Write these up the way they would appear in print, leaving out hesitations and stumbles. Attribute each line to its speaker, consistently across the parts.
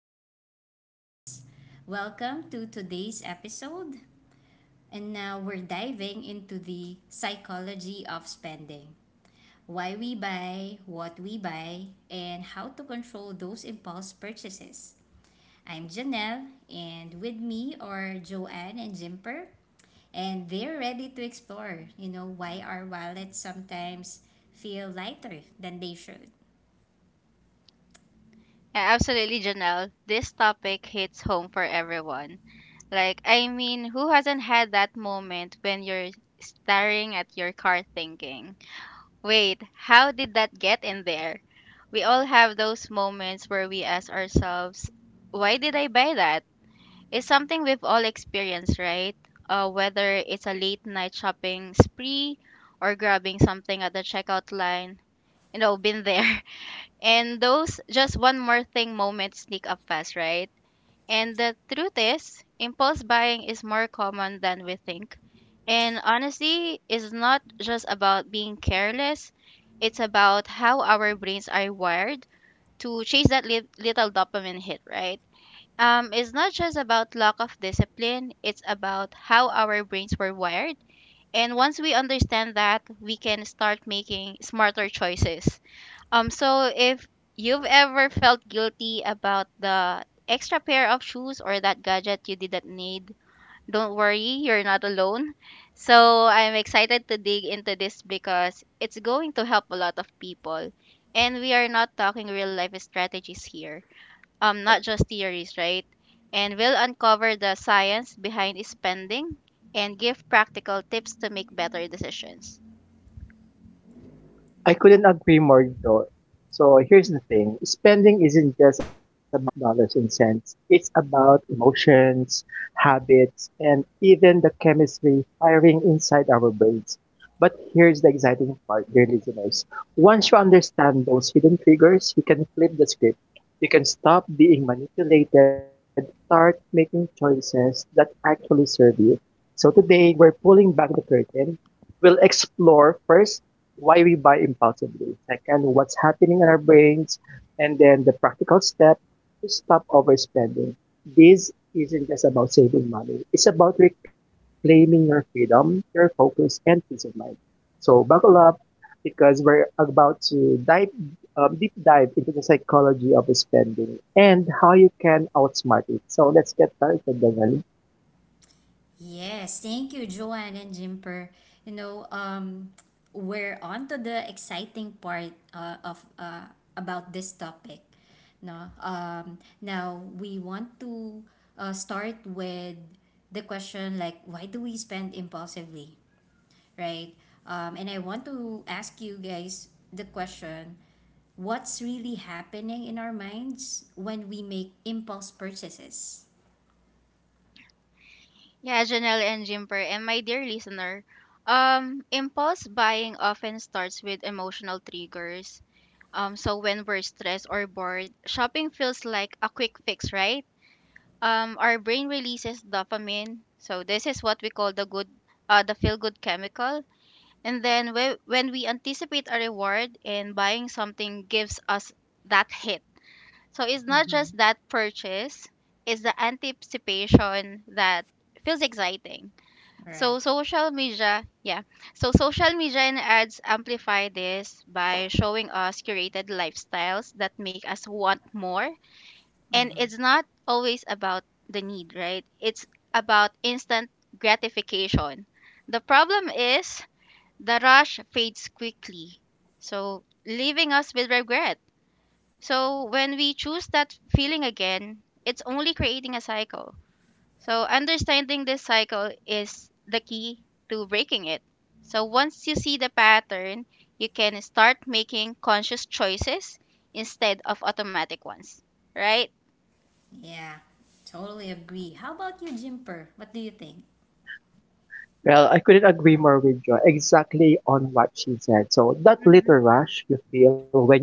Speaker 1: morning, listeners. Welcome to today's episode. And now we're diving into the psychology of spending, why we buy, what we buy, and how to control those impulse purchases. I'm Janelle, and with me are Joanne and Jimper, and they're ready to explore, you know, why our wallets sometimes feel lighter than they should.
Speaker 2: Yeah, absolutely, Janelle. This topic hits home for everyone. Like, I mean, who hasn't had that moment when you're staring at your car thinking, wait, how did that get in there? We all have those moments where we ask ourselves, why did I buy that? It's something we've all experienced, right? Whether it's a late night shopping spree or grabbing something at the checkout line, been there. And those just one more thing moments sneak up fast, right? And the truth is, impulse buying is more common than we think. And honesty is not just about being careless, it's about how our brains are wired to chase that little dopamine hit, right? It's not just about lack of discipline, it's about how our brains were wired. And once we understand that, we can start making smarter choices. So if you've ever felt guilty about the extra pair of shoes or that gadget you didn't need, don't worry, you're not alone. So I'm excited to dig into this because it's going to help a lot of people. And we are not talking real life strategies here, not just theories, right? And we'll uncover the science behind spending and give practical tips to make better decisions.
Speaker 3: I couldn't agree more though. So here's the thing. Spending isn't just about dollars and cents. It's about emotions, habits, and even the chemistry firing inside our brains. But here's the exciting part, dear listeners. Once you understand those hidden triggers, you can flip the script. You can stop being manipulated and start making choices that actually serve you. So today, we're pulling back the curtain. We'll explore first why we buy impulsively, second, what's happening in our brains, and then the practical step to stop overspending. This isn't just about saving money, it's about reclaiming your freedom, your focus, and peace of mind. So, buckle up because we're about to dive deep dive into the psychology of spending and how you can outsmart it. So, let's get started, Danielle.
Speaker 1: Yes, thank you, Joanne and Jimper. You know, um, we're on to the exciting part of about this topic. No, now we want to start with the question, like, why do we spend impulsively, right? And I want to ask you guys the question: what's really happening in our minds when we make impulse purchases?
Speaker 2: Yeah, Janelle and Jimper, and my dear listener, impulse buying often starts with emotional triggers. So when we're stressed or bored, shopping feels like a quick fix, right? Our brain releases dopamine, so this is what we call the good, the feel-good chemical. And then when we anticipate a reward and buying something gives us that hit. So it's not
Speaker 1: Mm-hmm.
Speaker 2: just that purchase, it's the anticipation that feels exciting.
Speaker 1: All right.
Speaker 2: So social media, yeah. So social media and ads amplify this by showing us curated lifestyles that make us want more. And it's not always about the need, right? It's about instant gratification. The problem is the rush fades quickly, so leaving us with regret. So when we choose that feeling again, it's only creating a cycle. So understanding this cycle is the key to breaking it. So once you see the pattern, you can start making conscious choices instead of automatic ones, right?
Speaker 1: Yeah, totally agree. How about you, Jimper? What do you think?
Speaker 3: Well, I couldn't agree more with Joy exactly on what she said. So that
Speaker 2: Hmm.
Speaker 3: little rush you feel when you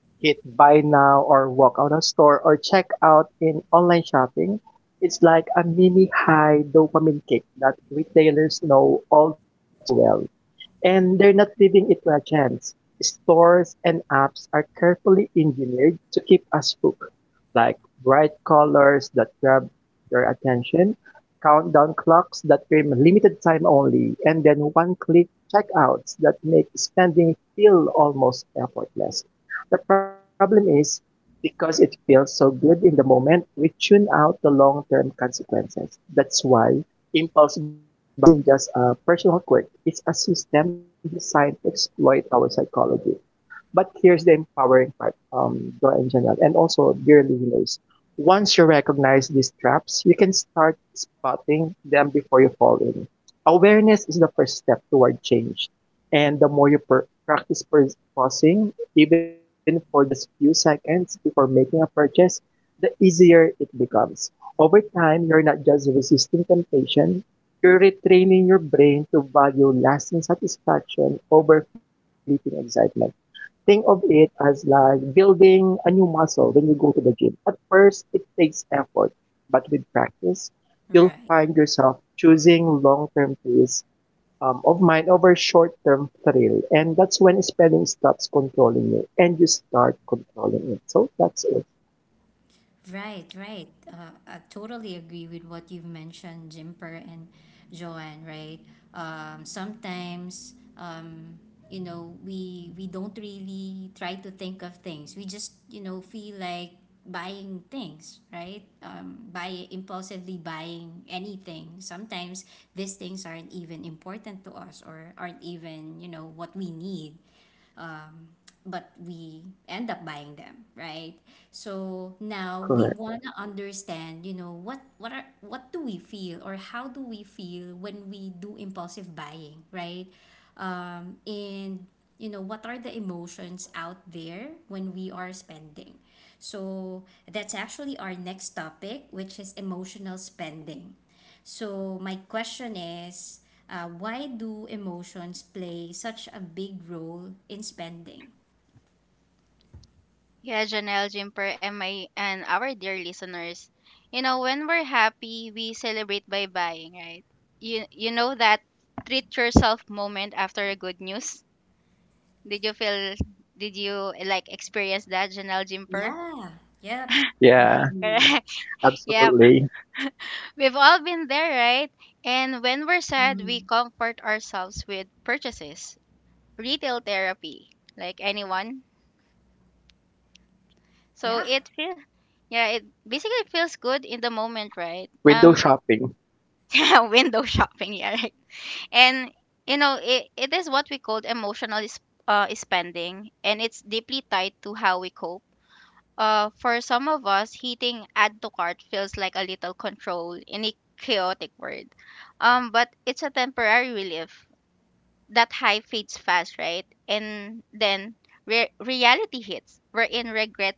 Speaker 3: hit buy now or walk out of store or check out in online shopping, it's like a mini high dopamine kick that retailers know all too well, and they're not leaving it to a chance. Stores and apps are carefully engineered to keep us hooked, like bright colors that grab your attention, countdown clocks that claim limited time only, and then one click checkouts that make spending feel almost effortless. The problem is because it feels so good in the moment, we tune out the long term consequences. That's why impulse buying isn't just a personal quirk, it's a system designed to exploit our psychology. But here's the empowering part, Joy and Janelle, and also dear listeners. Once you recognize these traps, you can start spotting them before you fall in. Awareness is the first step toward change. And the more you practice pausing, even for just few seconds before making a purchase, the easier it becomes. Over time, you're not just resisting temptation, you're retraining your brain to value lasting satisfaction over fleeting excitement. Think of it as like building a new muscle when you go to the gym. At first, it takes effort, but with practice, you'll
Speaker 1: Right,
Speaker 3: find yourself choosing long-term peace of mind over short-term thrill. And that's when spending stops controlling you and you start controlling it. So that's it.
Speaker 1: right. I totally agree with what you've mentioned, Jimper and Joanne. Right. Sometimes, you know, we don't really try to think of things. We just, you know, feel like buying things, right? Buying anything. Sometimes these things aren't even important to us or aren't even, you know, what we need, but we end up buying them, right? So now we
Speaker 3: Correct.
Speaker 1: want to understand, you know, what do we feel or how do we feel when we do impulsive buying, right? And, you know, what are the emotions out there when we are spending? So that's actually our next topic, which is emotional spending. So my question is, why do emotions play such a big role in spending?
Speaker 2: Yeah, Janelle, Jimper, and my and our dear listeners, you know when we're happy, we celebrate by buying, right? You know that treat yourself moment after a good news. Did you feel? Did you like experience that, Janelle, Jimper?
Speaker 1: Yeah. Yep.
Speaker 3: Yeah,
Speaker 1: Agree.
Speaker 2: Correct. Yeah,
Speaker 3: absolutely.
Speaker 2: we've all been there, right? And when we're sad,
Speaker 1: Mhm.
Speaker 2: we comfort ourselves with purchases, retail therapy, like anyone.
Speaker 1: Yeah.
Speaker 2: So it feels, yeah, it basically feels good in the moment, right?
Speaker 3: Window shopping.
Speaker 2: Yeah, window shopping, yeah, right. And it is what we call emotional spending, and it's deeply tied to how we cope. For some of us, hitting add to cart feels like a little control in a chaotic world, but it's a temporary relief. That high fades fast, right? And then reality hits, wherein regret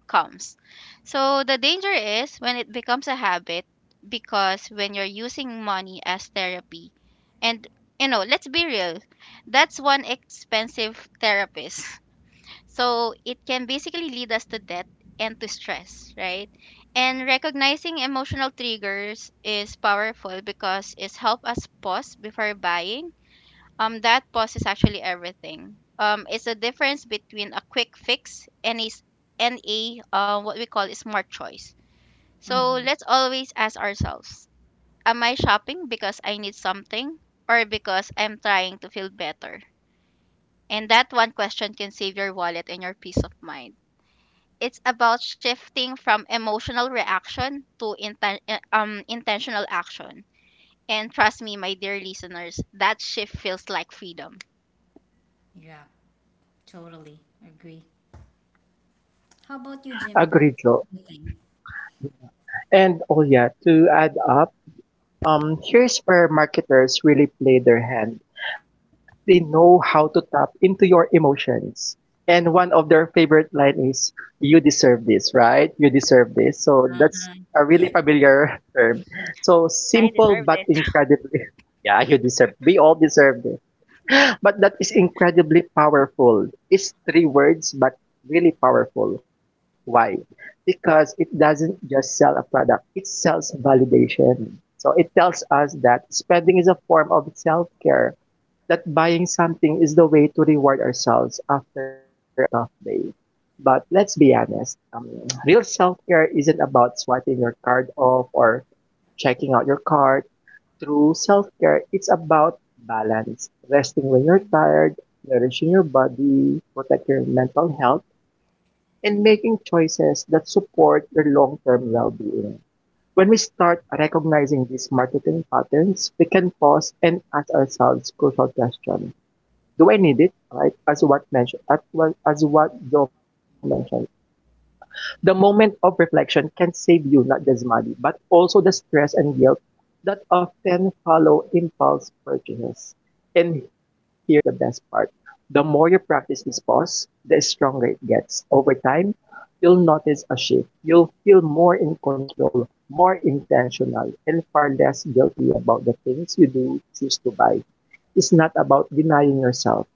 Speaker 2: comes. So the danger is when it becomes a habit, because when you're using money as therapy, and you know, let's be real, that's one expensive therapist. So it can basically lead us to debt and to stress, right? And recognizing emotional triggers is powerful because it helps us pause before buying. That pause is actually everything. It's a difference between a quick fix and a what we call a smart choice. So
Speaker 1: Mm-hmm.
Speaker 2: let's always ask ourselves, am I shopping because I need something or because I'm trying to feel better? And that one question can save your wallet and your peace of mind. It's about shifting from emotional reaction to intentional action. And trust me, my dear listeners, that shift feels like freedom.
Speaker 1: Yeah. Totally agree. How about you,
Speaker 3: Agreed,
Speaker 1: Jimper?
Speaker 3: Joe.
Speaker 1: What do you think?
Speaker 3: And oh yeah, to add up, here's where marketers really play their hand. They know how to tap into your emotions. And one of their favorite line is, "You deserve this, right? You deserve this." So that's
Speaker 1: Uh-huh.
Speaker 3: a
Speaker 1: Yeah.
Speaker 3: really familiar term. So
Speaker 2: I
Speaker 3: simple
Speaker 2: deserve
Speaker 3: but
Speaker 2: this.
Speaker 3: incredibly, yeah, you deserve. We all deserve this, but that is incredibly powerful. It's three words, but really powerful. Why? Because it doesn't just sell a product; it sells validation. So it tells us that spending is a form of self care, that buying something is the way to reward ourselves after a tough day. But let's be honest, um, real self care isn't about swiping your card off or checking out your card. True self care, it's about balance, resting when you're tired, nourishing your body, protect your mental health, and making choices that support your long term well being. When we start recognizing these marketing patterns, we can pause and ask ourselves crucial questions. Do I need it? Right? As what Joe mentioned, the moment of reflection can save you not just money, but also the stress and guilt that often follow impulse purchases. And here's the best part: the more you practice this pause, the stronger it gets. Over time, you'll notice a shift. You'll feel more in control, more intentional, and far less guilty about the things you do choose to buy. Is not about denying yourself.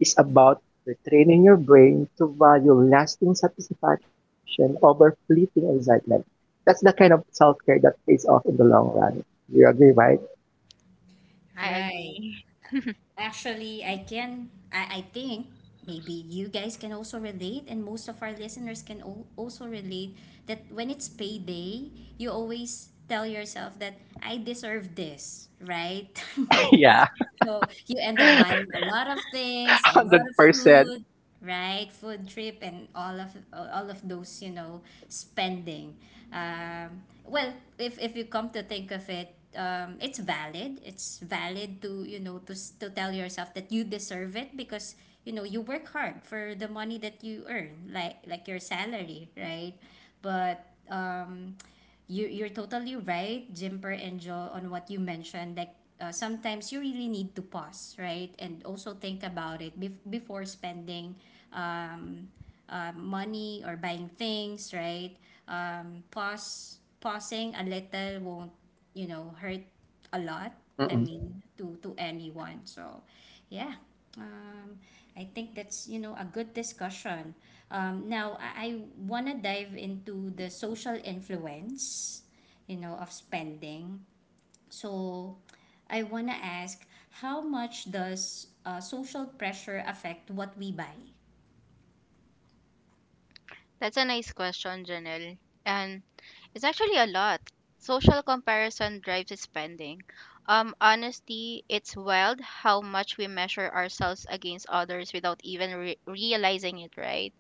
Speaker 3: It's about retraining your brain to value lasting satisfaction over fleeting excitement. That's the kind of self care that pays off in the long run. You agree,
Speaker 2: Mhm.
Speaker 3: right?
Speaker 2: I
Speaker 1: Right.
Speaker 2: agree.
Speaker 1: Actually, I can. I think maybe you guys can also relate, and most of our listeners can also relate, that when it's payday, you always tell yourself that I deserve this, right?
Speaker 3: Yeah,
Speaker 1: So you end up
Speaker 3: one
Speaker 1: buying a lot of things, a lot
Speaker 3: hundred
Speaker 1: of
Speaker 3: percent.
Speaker 1: food, right? Food trip and all of those, you know, spending. Well, if you come to think of it, it's valid. It's valid to, you know, to to tell yourself that you deserve it because, you know, you work hard for the money that you earn, like, your salary, right? But you, you're totally right, Jimper and Joe, on what you mentioned. Like, sometimes you really need to pause, right, and also think about it before spending money or buying things, right? Pausing a little won't, you know, hurt a lot.
Speaker 3: Mm-mm.
Speaker 1: I mean, to anyone. So, yeah. Um, I think that's, you know, a good discussion. Now I wanna dive into the social influence, you know, of spending. So, I wanna ask, how much does social pressure affect what we buy?
Speaker 2: That's a nice question, Janelle. And it's actually a lot. Social comparison drives the spending. Honestly, it's wild how much we measure ourselves against others without even realizing it, right?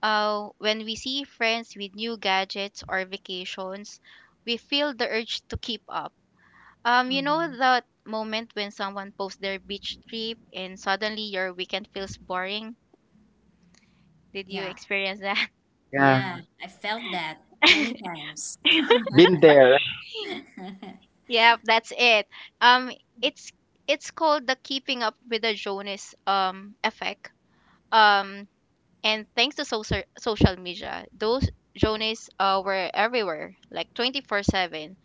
Speaker 2: When we see friends with new gadgets or vacations, we feel the urge to keep up. You
Speaker 1: Mm-hmm.
Speaker 2: know that moment when someone posts their beach trip and suddenly your weekend feels boring? Did you
Speaker 1: Yeah.
Speaker 2: experience that?
Speaker 1: Yeah,
Speaker 3: Yeah,
Speaker 1: I felt that many times.
Speaker 3: been there.
Speaker 2: Yep, that's it. Um, it's it's called the Keeping Up with the Jonas effect. Um, and thanks to social media, those Jonas were everywhere, like 24/7.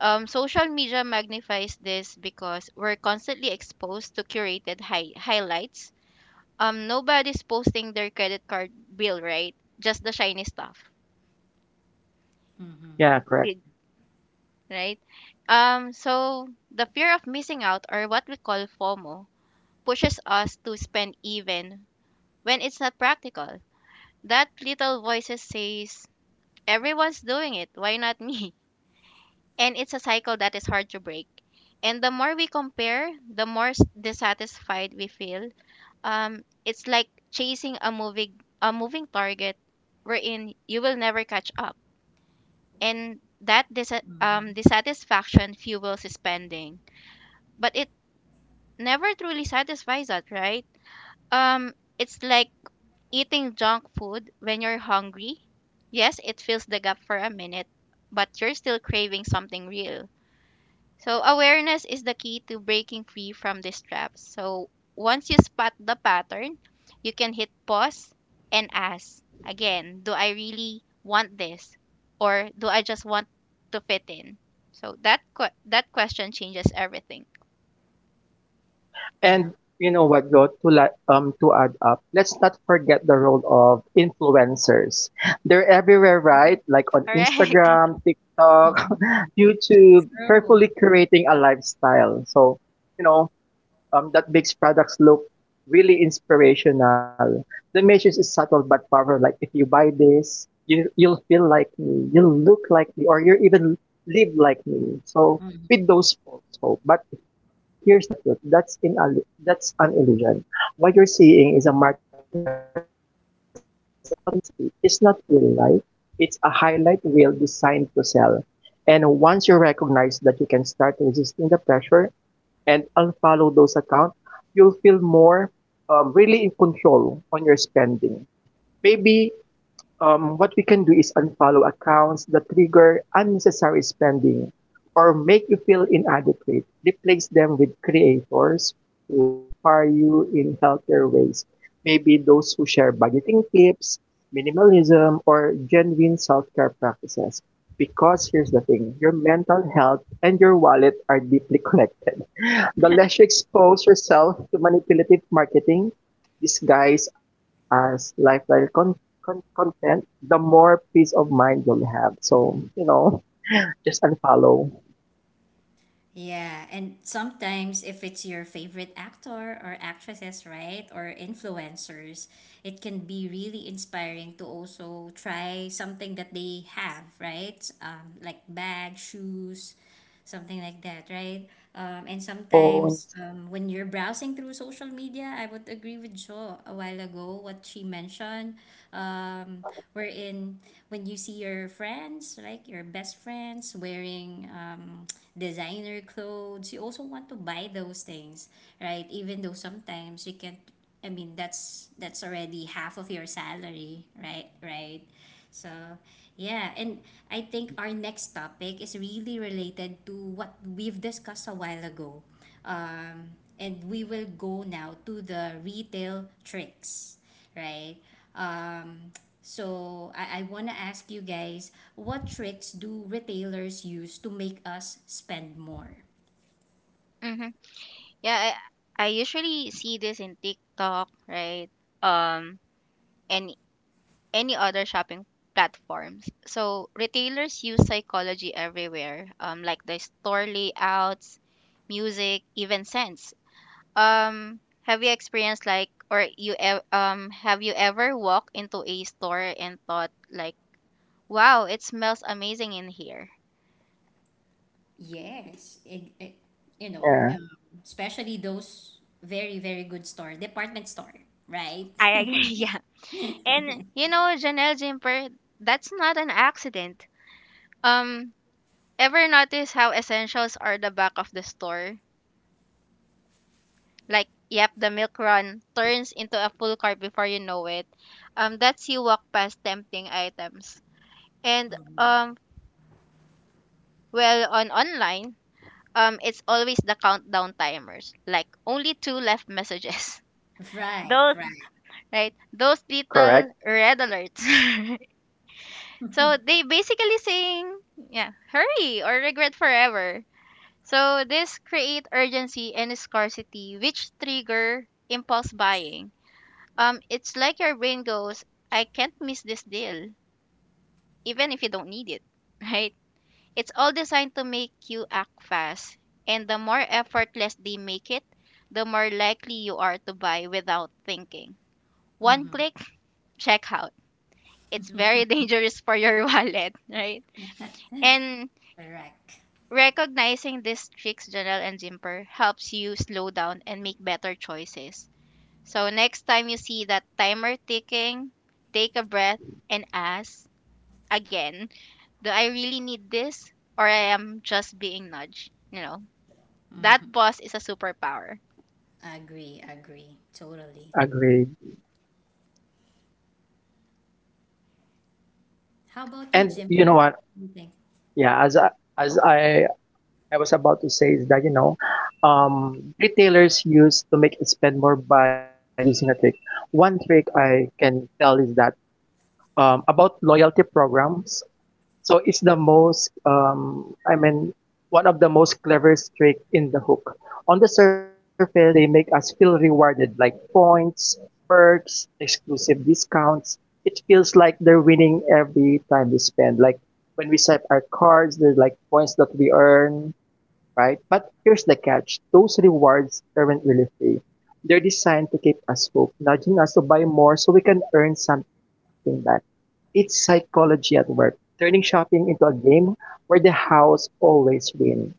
Speaker 2: Social media magnifies this because we're constantly exposed to curated highlights. Nobody's posting their credit card bill, right? Just the shiny stuff.
Speaker 1: Hmm.
Speaker 3: Yeah, correct.
Speaker 2: Did Right? So the fear of missing out, or what we call FOMO, pushes us to spend even when it's not practical. That little voices says, everyone's doing it, why not me? And it's a cycle that is hard to break. And the more we compare, the more dissatisfied we feel. It's like chasing a moving target wherein you will never catch up. And that
Speaker 1: Hmm.
Speaker 2: dissatisfaction fuels spending. But it never truly satisfies us, right? Um, it's like eating junk food when you're hungry. Yes, it fills the gap for a minute, but you're still craving something real. So awareness is the key to breaking free from these traps. So once you spot the pattern, you can hit pause and ask again, do I really want this? Or do I just want to fit in? So that, that question changes everything.
Speaker 1: Yeah.
Speaker 3: And you know what, though, to add up, let's not forget the role of influencers. They're everywhere, right? Like on
Speaker 2: Correct.
Speaker 3: Instagram, TikTok, YouTube,
Speaker 1: True.
Speaker 3: carefully curating a lifestyle. So, you know, that makes products look really inspirational. The message is subtle but powerful. Like if you buy this, you'll feel like me, you'll look like me, or you even live like me. So with those false hope. But here's the truth: that's an illusion. What you're seeing is a marketing dress up as authenticity. It's not real life. It's a highlight reel designed to sell. And once you recognize that, you can start resisting the pressure and unfollow those accounts. You'll feel more really in control on your spending. Maybe what we can do is unfollow accounts that trigger unnecessary spending or make you feel inadequate. Replace them with creators who inspire you in healthier ways. Maybe those who share budgeting tips, minimalism, or genuine self care practices. Because here's the thing, your mental health and your wallet are deeply connected. The less you expose yourself to manipulative marketing, disguised as lifestyle content, the more peace of mind you'll have. So, you know, just unfollow
Speaker 1: Yeah, and sometimes if it's your favorite actor or actresses, right, or influencers, it can be really inspiring to also try something that they have, right? Like bag, shoes, something like that, right? Um, and sometimes
Speaker 3: phones.
Speaker 1: um, when you're browsing through social media, I would agree with Jo a while ago what she mentioned. Um, wherein when you see your friends, like your best friends, wearing designer clothes, you also want to buy those things, right? Even though sometimes you can't, I mean, that's already half of your salary, right? Right. So, yeah, and I think our next topic is really related to what we've discussed a while ago. And we will go now to the retail tricks, right? Um, so, I want to ask you guys, what tricks do retailers use to make us spend more?
Speaker 2: Mhm. Yeah, I usually see this in TikTok, right? Um, and any other shopping platforms. So retailers use psychology everywhere, like the store layouts, music, even scents. Have you experienced like, or you ev- Have you ever walked into a store and thought like, wow, it smells amazing in here?
Speaker 1: Yes, you know,
Speaker 3: Yeah,
Speaker 1: especially those very, very good store, department store, right?
Speaker 2: I agree. Yeah, and you know, Janelle Jimper, that's not an accident. Um, Ever notice how essentials are the back of the store? Like, yep, the milk run turns into a full cart before you know it. That's You walk past tempting items. And um, on online, it's always the countdown timers, like only two left messages.
Speaker 1: Right,
Speaker 2: Those,
Speaker 1: right.
Speaker 2: right, those
Speaker 3: correct.
Speaker 2: little red alerts. So they basically saying, yeah, hurry or regret forever. So this create urgency and scarcity, which trigger impulse buying. It's like your brain goes, I can't miss this deal, even if you don't need it, right? It's all designed to make you act fast, and the more effortless they make it, the more likely you are to buy without thinking. One click, checkout. It's very dangerous
Speaker 3: Hmm.
Speaker 2: for your wallet, right?
Speaker 1: Mm-hmm.
Speaker 2: And
Speaker 1: Correct.
Speaker 2: Recognizing these tricks, Janelle and Zimper, helps you slow down and make better choices. So next time you see that timer ticking, take a breath and ask again, do I really need this or I am just being nudged? You know, that
Speaker 1: Hmm.
Speaker 2: pause is a superpower.
Speaker 1: Agree, agree. Totally.
Speaker 3: Agree.
Speaker 1: How about you,
Speaker 3: And you know
Speaker 1: Jimper?
Speaker 3: what?
Speaker 1: What do you think?
Speaker 3: Yeah, as I was about to say is that retailers use to make you spend more by using a trick. One trick I can tell is that about loyalty programs. So it's I mean, one of the most cleverest trick in the hook. On the surface, they make us feel rewarded, like points, perks, exclusive discounts. It feels like they're winning every time we spend. Like when we swipe our cards, there's like points that we earn, right? But here's the catch: those rewards aren't really free. They're designed to keep us hooked, nudging us to buy more so we can earn something back. It's psychology at work, turning shopping into a game where the house always wins.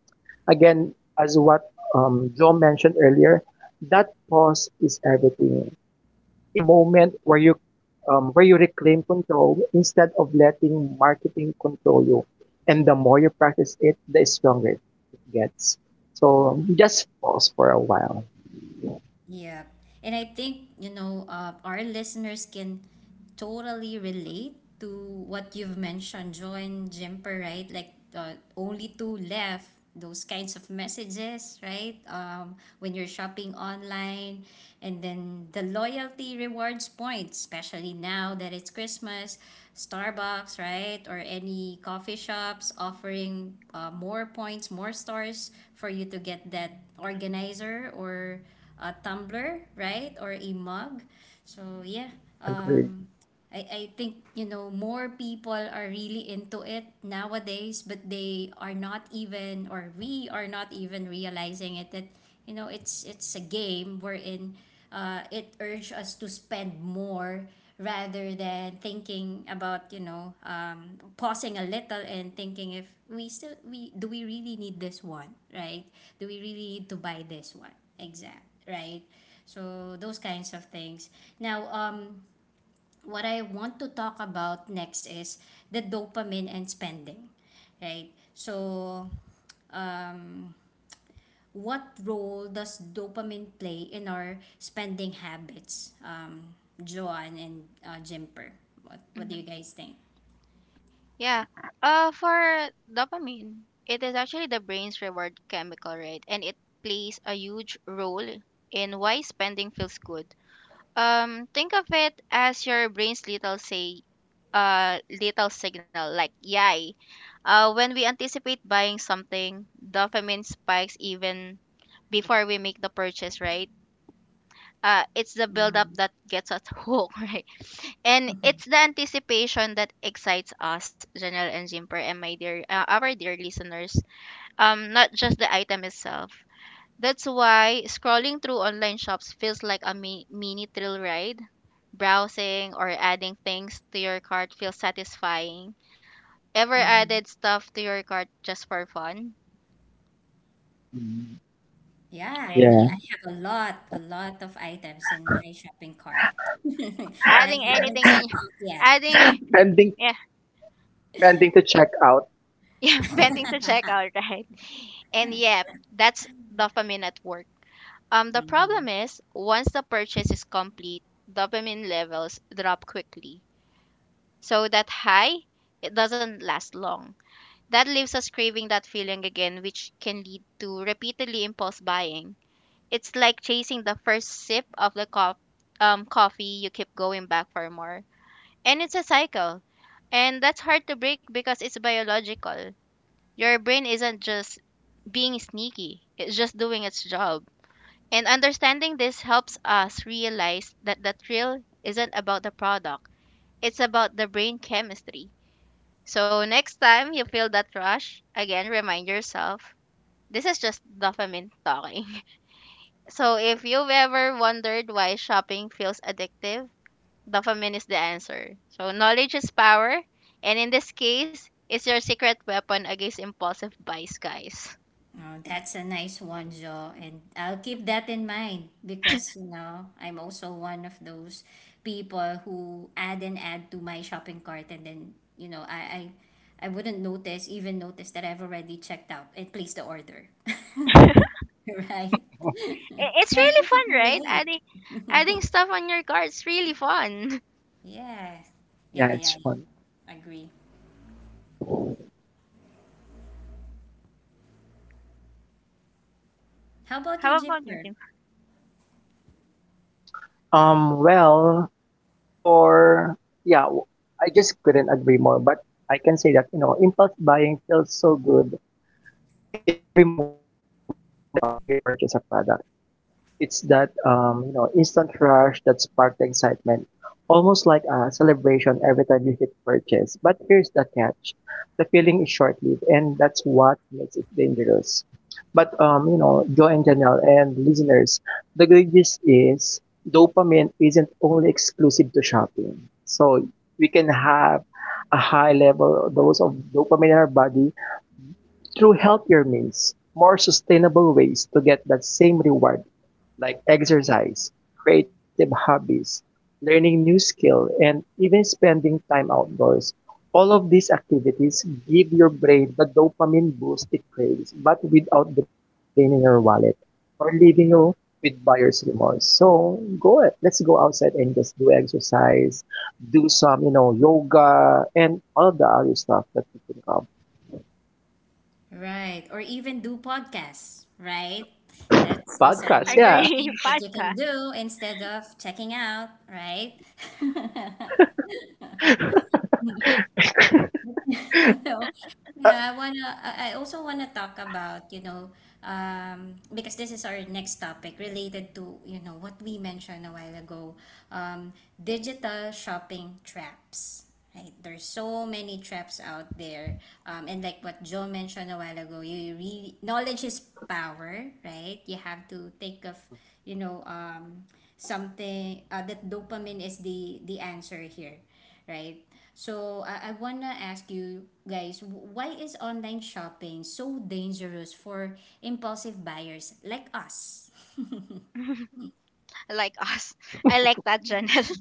Speaker 3: Again, as what Joe mentioned earlier, that pause is everything. It's the moment where you reclaim control instead of letting marketing control you. And the more you practice it, the stronger it gets. So just pause for a while.
Speaker 1: Yeah. And I think, you know, our listeners can totally relate to what you've mentioned, Join Jimper, right? Like, only two left, those kinds of messages, right? When you're shopping online. And then the loyalty rewards points, especially now that it's Christmas, Starbucks, right? Or any coffee shops offering more points, more stars for you to get that organizer or a tumbler, right? Or a mug. So yeah,
Speaker 3: Agree.
Speaker 1: um, I think, you know, more people are really into it nowadays, but they are not even, or we are not even realizing it, that, you know, it's a game wherein it urges us to spend more, rather than thinking about, you know, pausing a little and thinking if we still we do we really need this one, right? Do we really need to buy this one? Exact, right? So those kinds of things. Now, what I want to talk about next is the dopamine and spending, right? So, um, what role does dopamine play in our spending habits, Joanne and Jimper? What do you
Speaker 2: Hmm.
Speaker 1: guys think?
Speaker 2: Yeah. For dopamine, it is actually the brain's reward chemical, right? And it plays a huge role in why spending feels good. Think of it as your brain's little say, little signal like yay. When we anticipate buying something, dopamine spikes even before we make the purchase, right? It's the buildup
Speaker 1: Mm-hmm.
Speaker 2: that gets us hooked, right? And it's the anticipation that excites us, Janelle and Jimper, and my dear, our dear listeners. Not just the item itself. That's why scrolling through online shops feels like a mini thrill ride. Browsing or adding things to your cart feels satisfying. Ever
Speaker 1: Mm-hmm.
Speaker 2: added stuff to your cart just for fun,
Speaker 3: Mm.
Speaker 1: Yeah,
Speaker 2: right?
Speaker 1: me,
Speaker 3: Yeah.
Speaker 1: I have a lot of items in my shopping cart that I
Speaker 2: Adding
Speaker 1: haven't
Speaker 2: anything on, y-
Speaker 1: checked out yet.
Speaker 2: adding
Speaker 3: Pending,
Speaker 2: yeah,
Speaker 3: pending to check out.
Speaker 2: yeah, pending to checkout, right? And yeah, that's dopamine at work. The problem is once the purchase is complete, dopamine levels drop quickly. So that high, it doesn't last long. That leaves us craving that feeling again, which can lead to repeatedly impulse buying. It's like chasing the first sip of the coffee, you keep going back for more. And it's a cycle. And that's hard to break because it's biological. Your brain isn't just being sneaky, it's just doing its job. And understanding this helps us realize that the thrill isn't about the product, it's about the brain chemistry. So next time you feel that rush, again remind yourself, this is just dopamine talking. So if you've ever wondered why shopping feels addictive, dopamine is the answer. So knowledge is power, and in this case, it's your secret weapon against impulsive buys, guys.
Speaker 1: Oh, that's a nice one, Joe. And I'll keep that in mind because, you know, I'm also one of those people who add and add to my shopping cart, and then, you know, I wouldn't notice, even notice, that I've already checked out and placed the order. Right?
Speaker 2: It's
Speaker 1: And I
Speaker 2: really
Speaker 1: think you
Speaker 2: fun,
Speaker 1: can
Speaker 2: right?
Speaker 1: relate.
Speaker 2: Adding stuff on your cart's really fun.
Speaker 1: Yeah. Yeah,
Speaker 3: Yeah,
Speaker 1: yeah,
Speaker 3: it's fun.
Speaker 1: yeah. Agree. How about you,
Speaker 2: How about you,
Speaker 1: Jipper?
Speaker 2: Jim?
Speaker 3: Well, for yeah, w- I just couldn't agree more. But I can say that you know, impulse buying feels so good in every moment that you check out or you purchase a product. It's that instant rush that sparked the excitement, almost like a celebration every time you hit purchase. But here's the catch: the feeling is short-lived, and that's what makes it dangerous. But Joe and Janelle and listeners, the good news is dopamine isn't only exclusive to shopping. So we can have a high level dose of dopamine in our body through healthier means, more sustainable ways to get that same reward like exercise, creative hobbies, learning new skill, and even spending time outdoors. All of these activities give your brain the dopamine boost it craves, but without draining your wallet or leaving you with buyer's remorse. So go, let's go outside and just do exercise, do some, you know, yoga and all of the other stuff that you think of.
Speaker 1: Right. Or even do podcasts, right? That's also
Speaker 3: Podcast,
Speaker 1: one of the
Speaker 3: yeah.
Speaker 2: Agree,
Speaker 1: things that you can
Speaker 2: podcast.
Speaker 1: do instead of checking out, right? No. Yeah, I wanna, I also wanna talk about, you know, because this is our next topic related to, you know, what we mentioned a while ago, digital shopping traps. Right? There's so many traps out there. And like what Joe mentioned a while ago, you really, knowledge is power, right? You have to think of, you know, something, that dopamine is the answer here, right? So I wanna ask you guys, why is online shopping so dangerous for impulsive buyers like us?
Speaker 2: Like us. I like that, Janelle.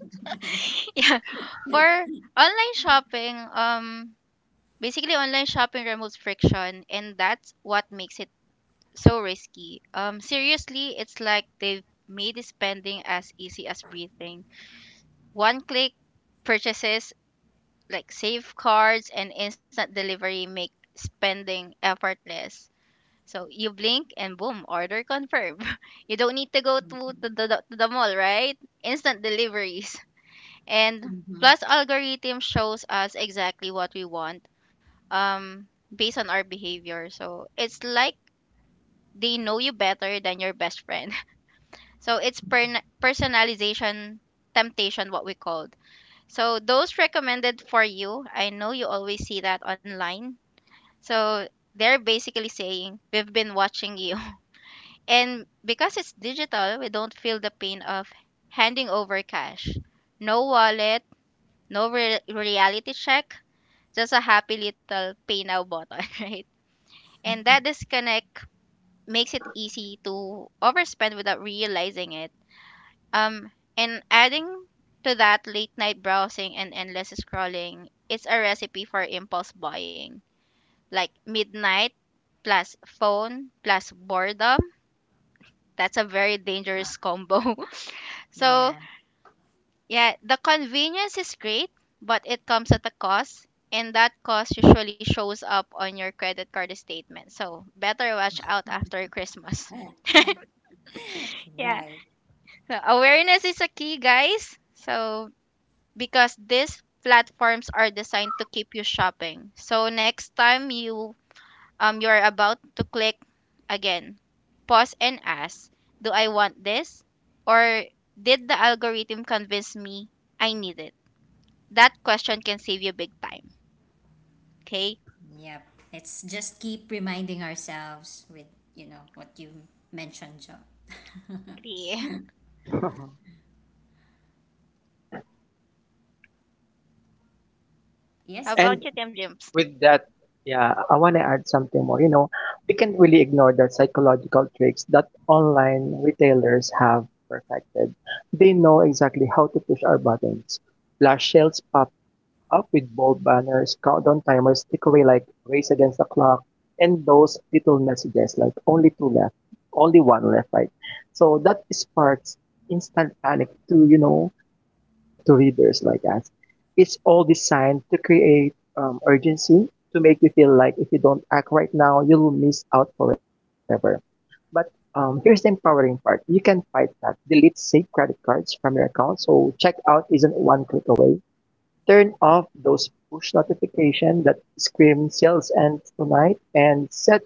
Speaker 2: Yeah. For online shopping, basically, online shopping removes friction, and that's what makes it so risky. Seriously, it's like they've made spending as easy as breathing. One click purchases like safeguards and instant delivery make spending effortless. So you blink and boom, order confirmed. You don't need to go to the mall, right? Instant deliveries. And
Speaker 1: Mm-hmm.
Speaker 2: plus algorithm shows us exactly what we want um based on our behavior, so it's like they know you better than your best friend. So it's personalization temptation, what we called. So those recommended for you, I know you always see that online. So they're basically saying we've been watching you. And because it's digital, we don't feel the pain of handing over cash. No wallet, no reality check, just a happy little pay now button. Right, and that disconnect makes it easy to overspend without realizing it. Um, and adding to that late night browsing and endless scrolling, it's a recipe for impulse buying. Like midnight plus phone plus boredom. That's a very dangerous combo. So,
Speaker 1: Yeah,
Speaker 2: yeah, the convenience is great, but it comes at a cost. And that cost usually shows up on your credit card statement. So better watch out after Christmas. Yeah.
Speaker 1: right.
Speaker 2: So awareness is a key, guys. So because these platforms are designed to keep you shopping. So next time you're about to click again, pause and ask, do I want this, or did the algorithm convince me I need it? That question can save you big time. Okay?
Speaker 1: Yep. Let's just keep reminding ourselves with, you know, what you mentioned, Joe.
Speaker 2: Agree. How
Speaker 3: And
Speaker 1: Yes,
Speaker 2: about
Speaker 1: Jim.
Speaker 2: you, Tim Jimps?
Speaker 3: with that, yeah, I want to add something more. You know, we can't really ignore the psychological tricks that online retailers have perfected. They know exactly how to push our buttons. Flash sales pop up with bold banners, countdown timers, takeaway like race against the clock, and those little messages like only two left, only one left, right? So that sparks instant panic to, you know, to you, to readers like us. It's all designed to create urgency to make you feel like if you don't act right now, you'll miss out forever. But here's the empowering part. You can fight that. Delete saved credit cards from your account. So checkout isn't one click away. Turn off those push notifications that scream sales end tonight and set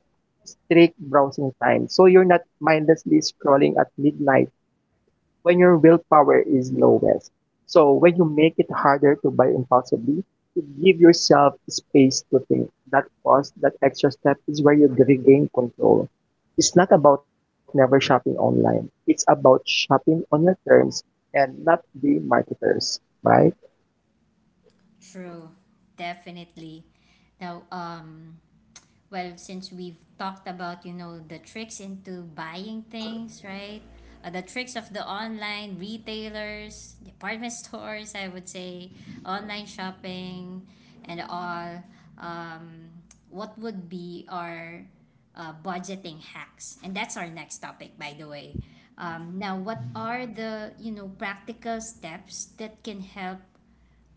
Speaker 3: strict browsing time so you're not mindlessly scrolling at midnight when your willpower is lowest. So when you make it harder to buy impulsively, you give yourself space to think. That pause, that extra step is where you regain control. It's not about never shopping online. It's about shopping on your terms and not being marketers, right?
Speaker 1: True, definitely. Now, um, Well, since we've talked about, you know, the tricks into buying things, right? The tricks of the online retailers, department stores, I would say, online shopping, and all. Um, what would be our budgeting hacks? And that's our next topic, by the way. Now, what are the, you know, practical steps that can help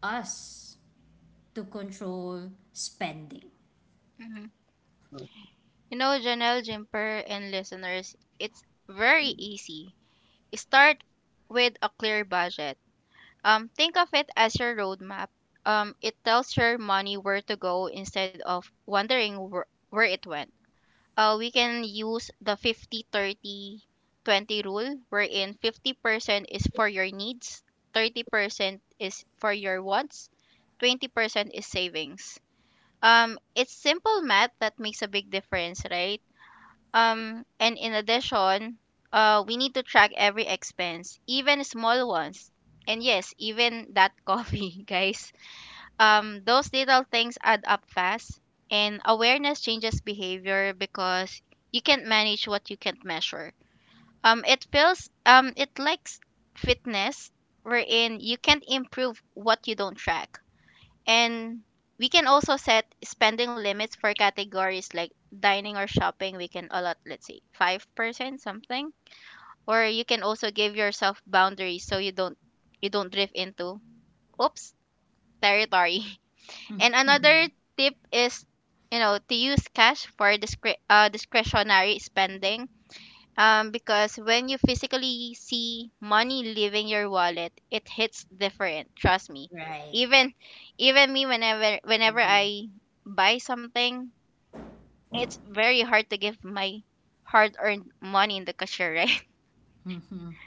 Speaker 1: us to control spending?
Speaker 2: Mhm. You know, Janelle, Jimper, and listeners, it's very easy. Start with a clear budget. Think of it as your roadmap. It tells your money where to go instead of wondering where it went. We can use the 50/30/20 rule, wherein 50% is for your needs, 30% is for your wants, 20% is savings. It's simple math that makes a big difference, right? And in addition, we need to track every expense, even small ones. And yes, even that coffee, guys. Those little things add up fast, and awareness changes behavior because you can't manage what you can't measure. It likes fitness, wherein you can't improve what you don't track. And we can also set spending limits for categories like dining or shopping. We can allot, let's say, 5% something. Or you can also give yourself boundaries so you don't drift into oops territory. And another tip is, you know, to use cash for discretionary spending, because when you physically see money leaving your wallet, it hits different. Trust me.
Speaker 1: Right.
Speaker 2: Even even me, whenever I buy something, it's very hard to give my hard-earned money in the cashier, right?
Speaker 1: Mhm.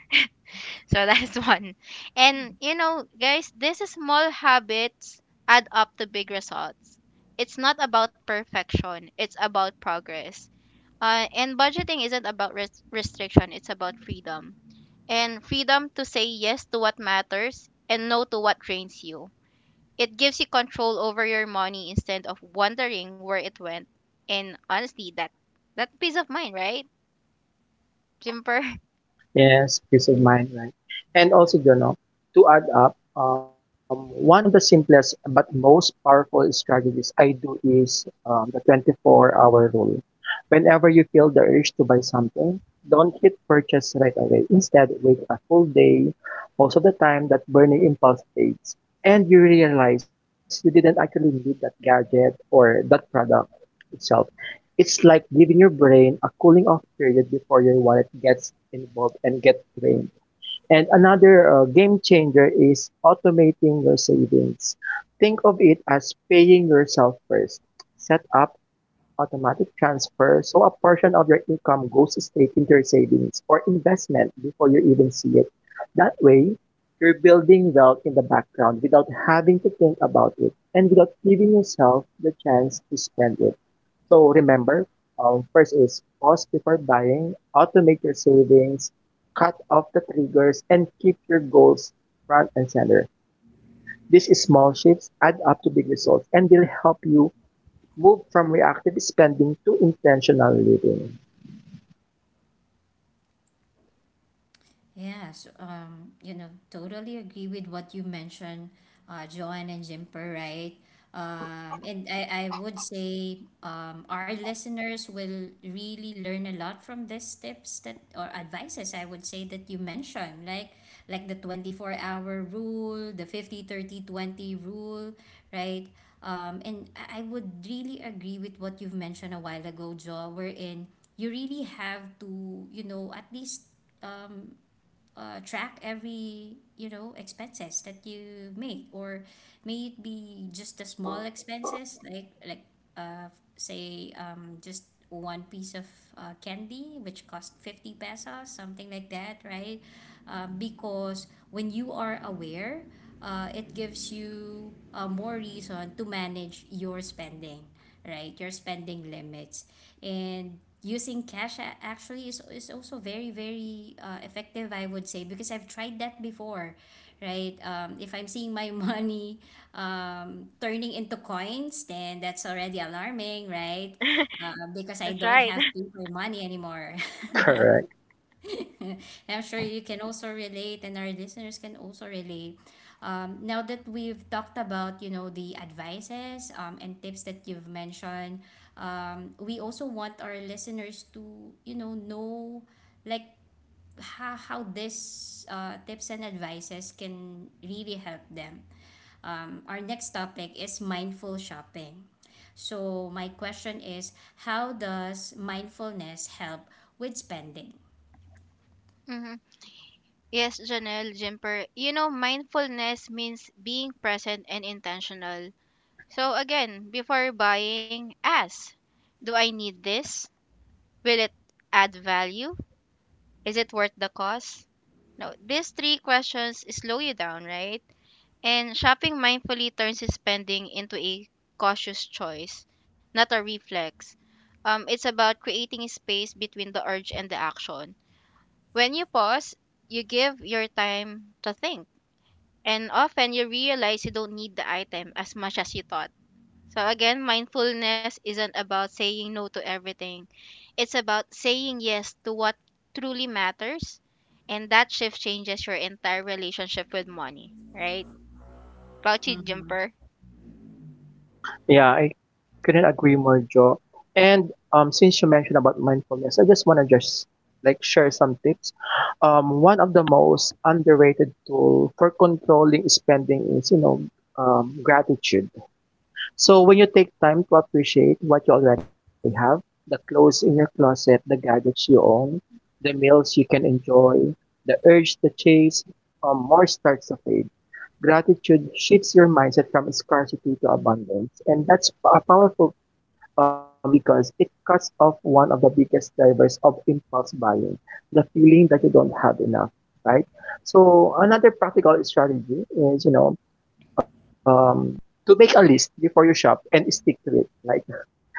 Speaker 2: So that's one. And you know, guys, these small habits add up to big results. It's not about perfection, it's about progress. And budgeting isn't about restriction, it's about freedom, and freedom to say yes to what matters and no to what drains you. It gives you control over your money instead of wondering where it went. And honestly, that peace of mind, right, Jimper?
Speaker 3: Yes, peace of mind, right? And also, you know, to add up, one of the simplest but most powerful strategies I do is the 24-hour rule. Whenever you feel the urge to buy something, don't hit purchase right away. Instead, wait a full day. Most of the time, that burning impulse fades, and you realize you didn't actually need that gadget or that product itself. It's like giving your brain a cooling off period before your wallet gets involved and get drained. And another game changer is automating your savings. Think of it as paying yourself first. Set up automatic transfers so a portion of your income goes straight into your savings or investment before you even see it. That way, you're building wealth in the background without having to think about it and without giving yourself the chance to spend it. So remember, first is pause before buying, automate your savings, cut off the triggers, and keep your goals front and center. These small shifts add up to big results and will help you move from reactive spending to intentional living.
Speaker 1: Yes, you know, totally agree with what you mentioned, Joanne and Jimper, right? And I would say, our listeners will really learn a lot from these tips that or advices, I would say, that you mentioned, like, the 24-hour hour rule, the 50/30/20 rule, right? And I would really agree with what you've mentioned a while ago, Jo, wherein you really have to, you know, at least um track every, you know, expenses that you make, or may it be just the small expenses like, uh, say, just one piece of candy which cost 50 pesos, something like that, right? Because when you are aware, it gives you more reason to manage your spending, right? Your spending limits. And using cash actually is also very, very effective, I would say, because I've tried that before, right? If I'm seeing my money turning into coins, then that's already alarming, right? Because I
Speaker 2: That's
Speaker 1: don't
Speaker 2: right.
Speaker 1: have paper money anymore.
Speaker 3: Correct.
Speaker 1: I'm sure you can also relate, and our listeners can also relate. Now that we've talked about, you know, the advices, and tips that you've mentioned, we also want our listeners to, you know, like, how this, tips and advices can really help them. Our next topic is mindful shopping. So my question is, how does mindfulness help with spending?
Speaker 2: Hmm. Yes, Janelle, Jimper. You know, mindfulness means being present and intentional. So again, before buying, ask, do I need this? Will it add value? Is it worth the cost? No, these three questions slow you down, right? And shopping mindfully turns his spending into a cautious choice, not a reflex. It's about creating a space between the urge and the action. When you pause, you give your time to think. And often you realize you don't need the item as much as you thought. So again, mindfulness isn't about saying no to everything. It's about saying yes to what truly matters. And that shift changes your entire relationship with money, right? About you, Jumper.
Speaker 1: Mm-hmm.
Speaker 3: Yeah, I couldn't agree more, Joe. And since you mentioned about mindfulness, I just want to just like share some tips. One of the most underrated tool for controlling spending is, you know, gratitude. So when you take time to appreciate what you already have, the clothes in your closet, the gadgets you own, the meals you can enjoy, the urge to chase more starts to fade. Gratitude shifts your mindset from scarcity to abundance. And that's a powerful tool because it cuts off one of the biggest drivers of impulse buying, the feeling that you don't have enough, right? So another practical strategy is, you know, um, to make a list before you shop and stick to it, like,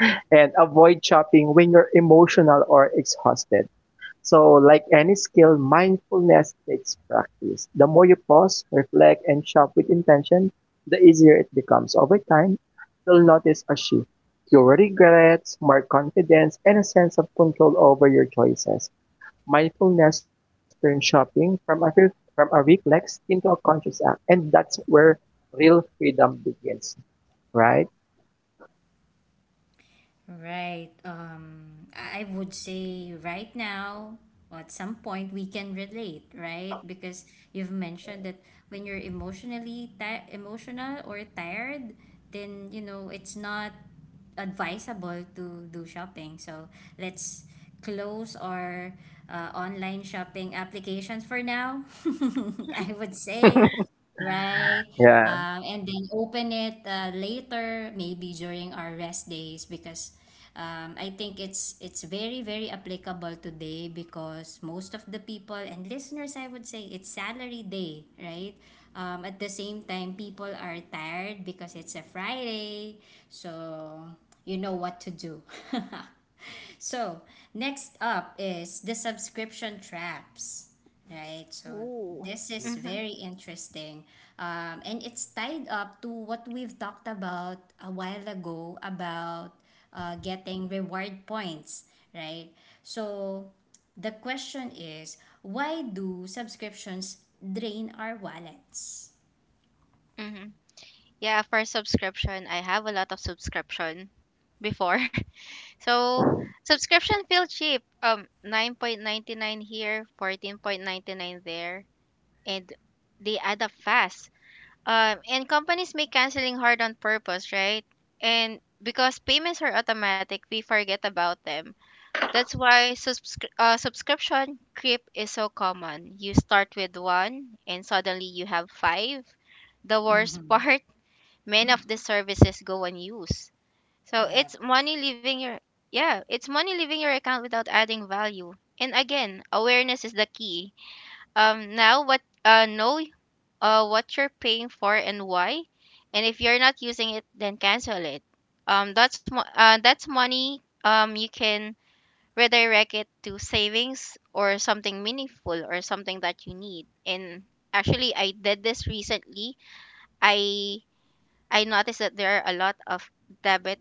Speaker 3: and avoid shopping when you're emotional or exhausted, so like any skill, mindfulness takes practice. The more you pause, reflect, and shop with intention, the easier it becomes. Over time, you'll notice a shift. Fewer regrets, more confidence, and a sense of control over your choices. Mindfulness turns shopping from from a reflex into a conscious act. And that's where real freedom begins. Right?
Speaker 1: Right. I would say right now, at some point, we can relate, right? Because you've mentioned that when you're emotionally ti emotional or tired, then, you know, it's not advisable to do shopping. So let's close our online shopping applications for now. I would say, right.
Speaker 3: Yeah.
Speaker 1: And then open it later, maybe during our rest days, because I think it's, very, very applicable today, because most of the people and listeners, I would say, it's salary day, right? At the same time, people are tired because it's a Friday, so you know what to do. So, next up is the subscription traps. Right. So
Speaker 2: Ooh.
Speaker 1: this is
Speaker 2: Mm-hmm.
Speaker 1: very interesting. And it's tied up to what we've talked about a while ago about getting reward points, right? So the question is, why do subscriptions drain our wallets?
Speaker 2: Mm-hmm. Yeah, for subscription, I have a lot of subscription before. So subscription feel cheap. 9.99 here, 14.99 there, and they add up fast. And companies make canceling hard on purpose, right? And because payments are automatic, we forget about them. That's why subscription creep is so common. You start with one and suddenly you have five. The
Speaker 1: Mm-hmm.
Speaker 2: worst part, many of the services go unused. So
Speaker 1: Yeah.
Speaker 2: it's money leaving your, yeah, it's money leaving your account without adding value. And again, awareness is the key. Now what know What you're paying for and why. And if you're not using it, then cancel it. That's that's money you can redirect it to savings or something meaningful or something that you need. And actually, I did this recently. I i noticed that there are a lot of debit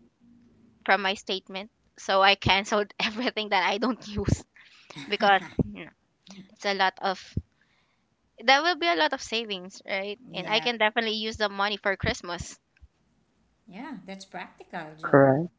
Speaker 2: from my statement, so I canceled everything that I don't use. Because, you know, it's a lot of, there will be a lot of savings, right, and I
Speaker 1: Yeah.
Speaker 2: can definitely use the money for Christmas.
Speaker 1: Yeah. That's practical, Joe.
Speaker 3: Correct.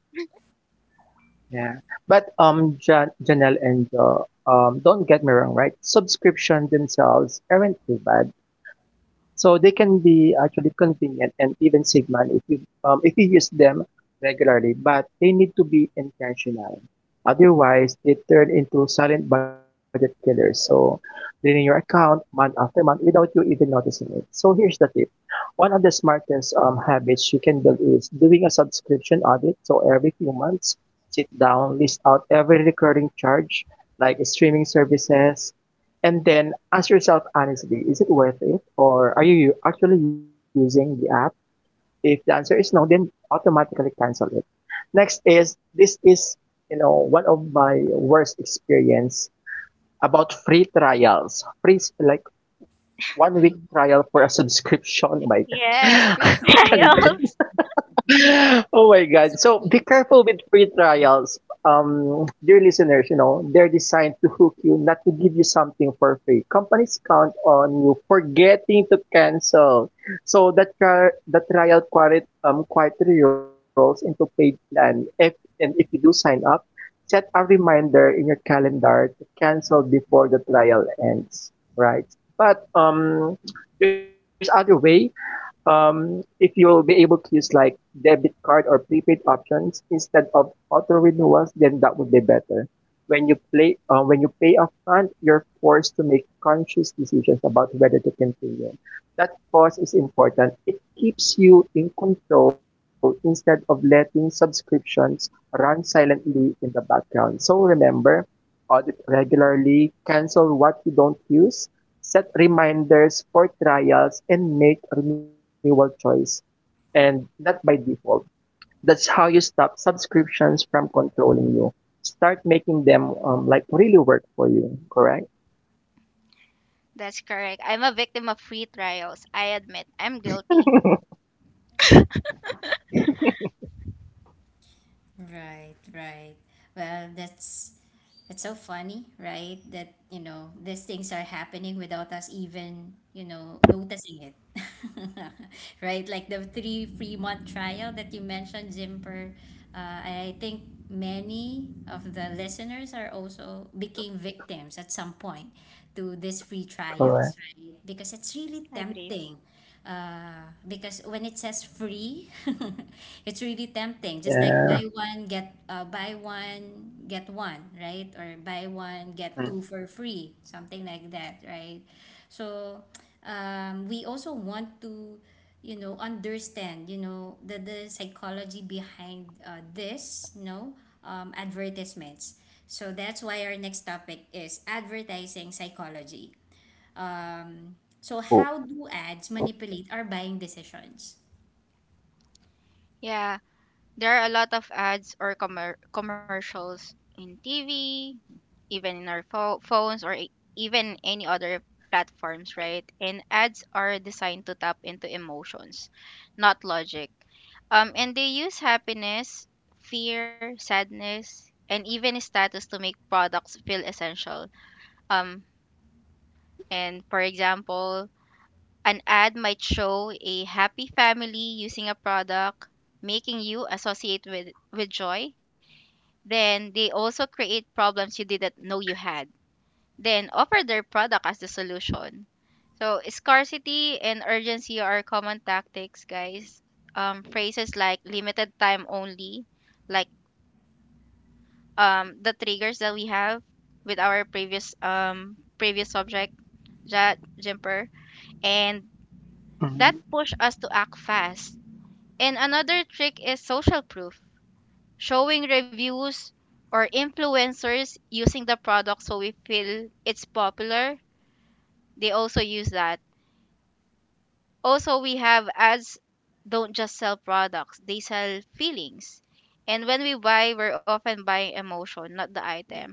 Speaker 3: Yeah. But Janelle and Joe, don't get me wrong, right? Subscription themselves aren't too bad. So they can be actually convenient and even save money if you if you use them regularly, but they need to be intentional. Otherwise they turn into silent budget killers. So draining your account month after month without you even noticing it. So here's the tip. One of the smartest habits you can build is doing a subscription audit. So every few months, sit-down list out every recurring charge, like streaming services, and then ask yourself honestly, is it worth it? Or are you actually using the app? If the answer is no, then automatically cancel it. Next is this is, you know, one of my worst experience about free trials. Free like 1-week trial for a subscription. Oh my
Speaker 2: Yes,
Speaker 3: god. Who
Speaker 2: free
Speaker 3: can relate?
Speaker 2: trials.
Speaker 3: Oh my God.
Speaker 1: That's
Speaker 3: So be
Speaker 1: okay.
Speaker 3: careful with free trials. Dear listeners, you know, they're designed to hook you, not to give you something for free. Companies count on you forgetting to cancel. So that the trial quietly rolls into paid plan. If, and if you do sign up, set a reminder in your calendar to cancel before the trial ends, right? But, there's other way. If you'll be able to use like debit card or prepaid options instead of auto renewals, then that would be better. When you pay upfront, you're forced to make conscious decisions about whether to continue. That pause is important. It keeps you in control instead of letting subscriptions run silently in the background. So remember, audit regularly, cancel what you don't use, set reminders for trials and make renewal choice and not by default. That's how you stop subscriptions from controlling you. Start making them like really work for you. Correct?
Speaker 2: That's correct, I'm a victim of free trials, I admit, I'm guilty.
Speaker 1: Right, right. Well, that's so funny, right? That, you know, these things are happening without us even, you know, noticing it. Right? Like the three free month trial that you mentioned, Zimper. I think many of the listeners are also became victims at some point to these free
Speaker 3: Correct.
Speaker 1: trials, right? Because it's really
Speaker 2: Agree.
Speaker 1: tempting, because when it says free, it's really tempting. Just like
Speaker 3: Yeah.
Speaker 1: buy one get, one, right? Or buy one
Speaker 3: Mm.
Speaker 1: get two for free, something like that, right? So we also want to, you know, understand, you know, the psychology behind, this, you know, advertisements. So that's why our next topic is advertising psychology.
Speaker 3: Oh.
Speaker 1: So how do ads manipulate our buying decisions?
Speaker 2: Yeah. There are a lot of ads or commercials in TV, even in our phones, or even any other platforms, right? And ads are designed to tap into emotions, not logic. And they use happiness, fear, sadness, and even status to make products feel essential. Um, and for example, an ad might show a happy family using a product, making you associate with joy. Then they also create problems you didn't know you had, then offer their product as the solution. So scarcity and urgency are common tactics, guys. Phrases like limited time only, like the triggers that we have with our previous previous subject, that jumper, and
Speaker 3: Mhm.
Speaker 2: that push us to act fast. And another trick is social proof, showing reviews or influencers using the product so we feel it's popular. They also use that. Also, we have ads, don't just sell products, they sell feelings. And when we buy, we're often buying emotion, not the item.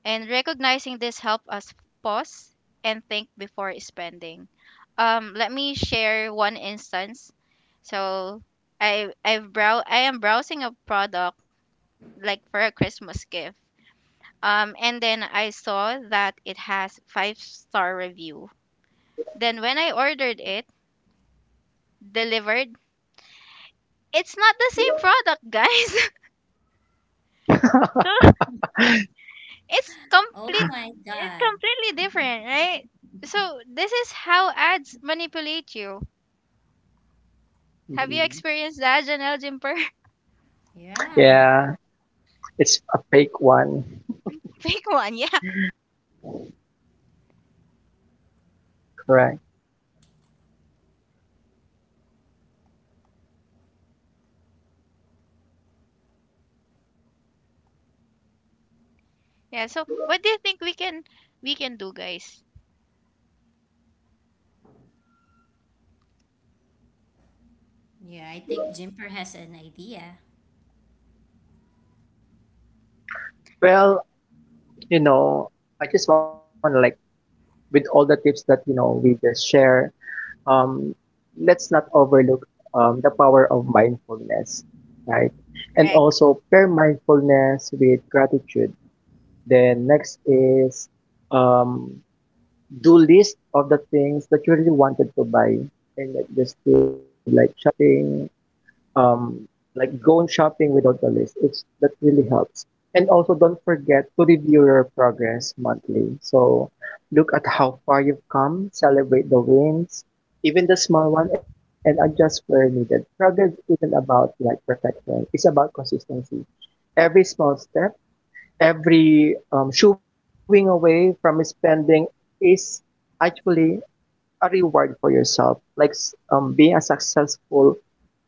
Speaker 2: And recognizing this helps us pause and think before spending. Let me share one instance. So I am browsing a product, like for a Christmas gift. And then I saw that it has 5-star review. Then when I ordered it, delivered, it's not the same product, guys. So it's
Speaker 1: Oh
Speaker 2: complete,
Speaker 1: my
Speaker 2: it's
Speaker 1: God.
Speaker 2: completely different, right? So this is how ads manipulate you. Have you
Speaker 3: Mhm,
Speaker 2: experienced that, Janelle, Jimper?
Speaker 1: Yeah.
Speaker 3: yeah. It's a fake one.
Speaker 2: Fake one, yeah,
Speaker 3: Correct.
Speaker 2: yeah. So what do you think we can do, guys?
Speaker 1: Yeah, I think Jimper has an idea.
Speaker 3: Well, you know, I just want to like, with all the tips that you know we just share, um, let's not overlook the power of mindfulness, right? And
Speaker 2: Correct.
Speaker 3: also pair mindfulness with gratitude. Then next is um, do list of the things that you really wanted to buy and like just do like shopping, um, like going shopping without a list. It's that really helps. And also, don't forget to review your progress monthly. So, look at how far you've come, celebrate the wins, even the small one, and adjust where needed. Progress isn't about like perfection; it's about consistency. Every small step, every shooing away from spending is actually a reward for yourself. Like being a successful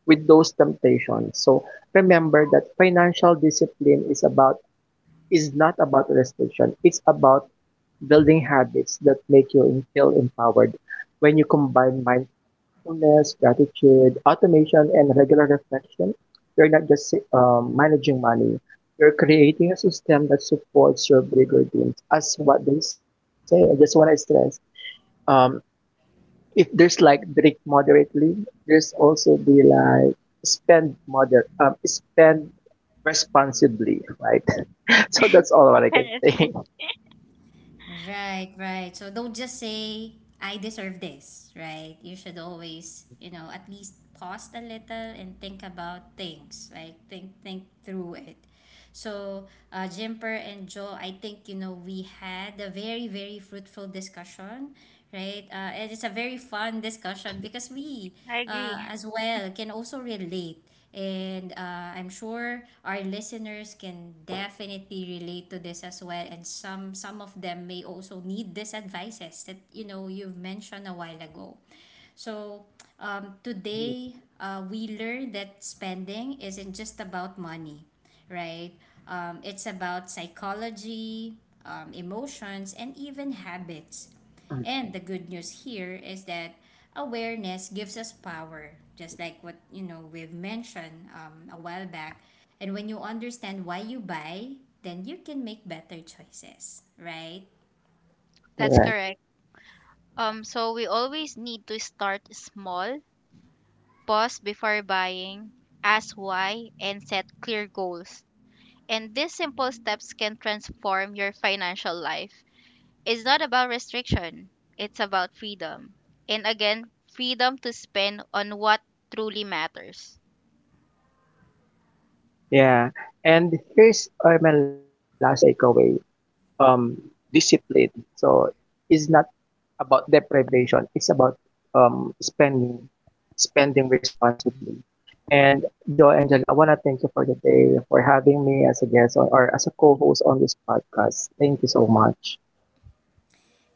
Speaker 3: with those temptations. So remember that financial discipline is not about restriction. It's about building habits that make you feel empowered. When you combine mindfulness, gratitude, automation, and regular reflection, you're not just managing money. You're creating a system that supports your big routines. As what they say, I just want to stress, um, if there's like drink moderately, there's also be like spend responsibly, right? So that's all what I can
Speaker 2: Parents one.
Speaker 3: say.
Speaker 1: Right, right. So don't just say, I deserve this, right? You should always, you know, at least pause a little and think about things, like, think through it. So, Jimper and Joe, I think, you know, we had a very, very fruitful discussion, right? And it's a very fun discussion because we,
Speaker 2: I agree.
Speaker 1: as well, can also relate. And I'm sure our listeners can definitely relate to this as well. And some of them may also need these advices that, you know, you've mentioned a while ago. So, today, we learned that spending isn't just about money, right? It's about psychology, emotions, and even habits. And the good news here is that awareness gives us power, just like what, you know, we've mentioned a while back. And when you understand why you buy, then you can make better choices, right?
Speaker 2: That's
Speaker 3: Correct.
Speaker 2: correct. So we always need to start small. Pause before buying, ask why, and set clear goals. And these simple steps can transform your financial life. It's not about restriction, it's about freedom. And again, freedom to spend on what truly matters.
Speaker 3: Yeah. And here's my last takeaway. Um, discipline. So it's not about deprivation. It's about um, spending, spending responsibly. And Joe Angela, I want to thank you for the day, for having me as a guest or as a co-host on this podcast. Thank you so much.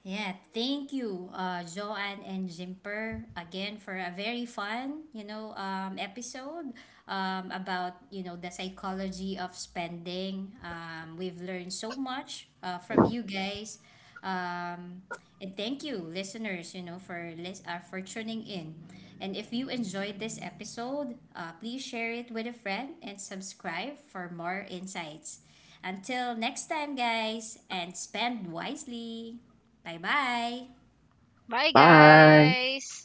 Speaker 1: Yeah, thank you, Joanne and Jimper, again for a very fun, you know, episode about, you know, the psychology of spending. We've learned so much from you guys, um, and thank you, listeners, you know, for for tuning in. And if you enjoyed this episode, please share it with a friend and subscribe for more insights. Until next time, guys, and spend wisely. Bye-bye!
Speaker 2: Bye,
Speaker 3: Bye.
Speaker 2: guys!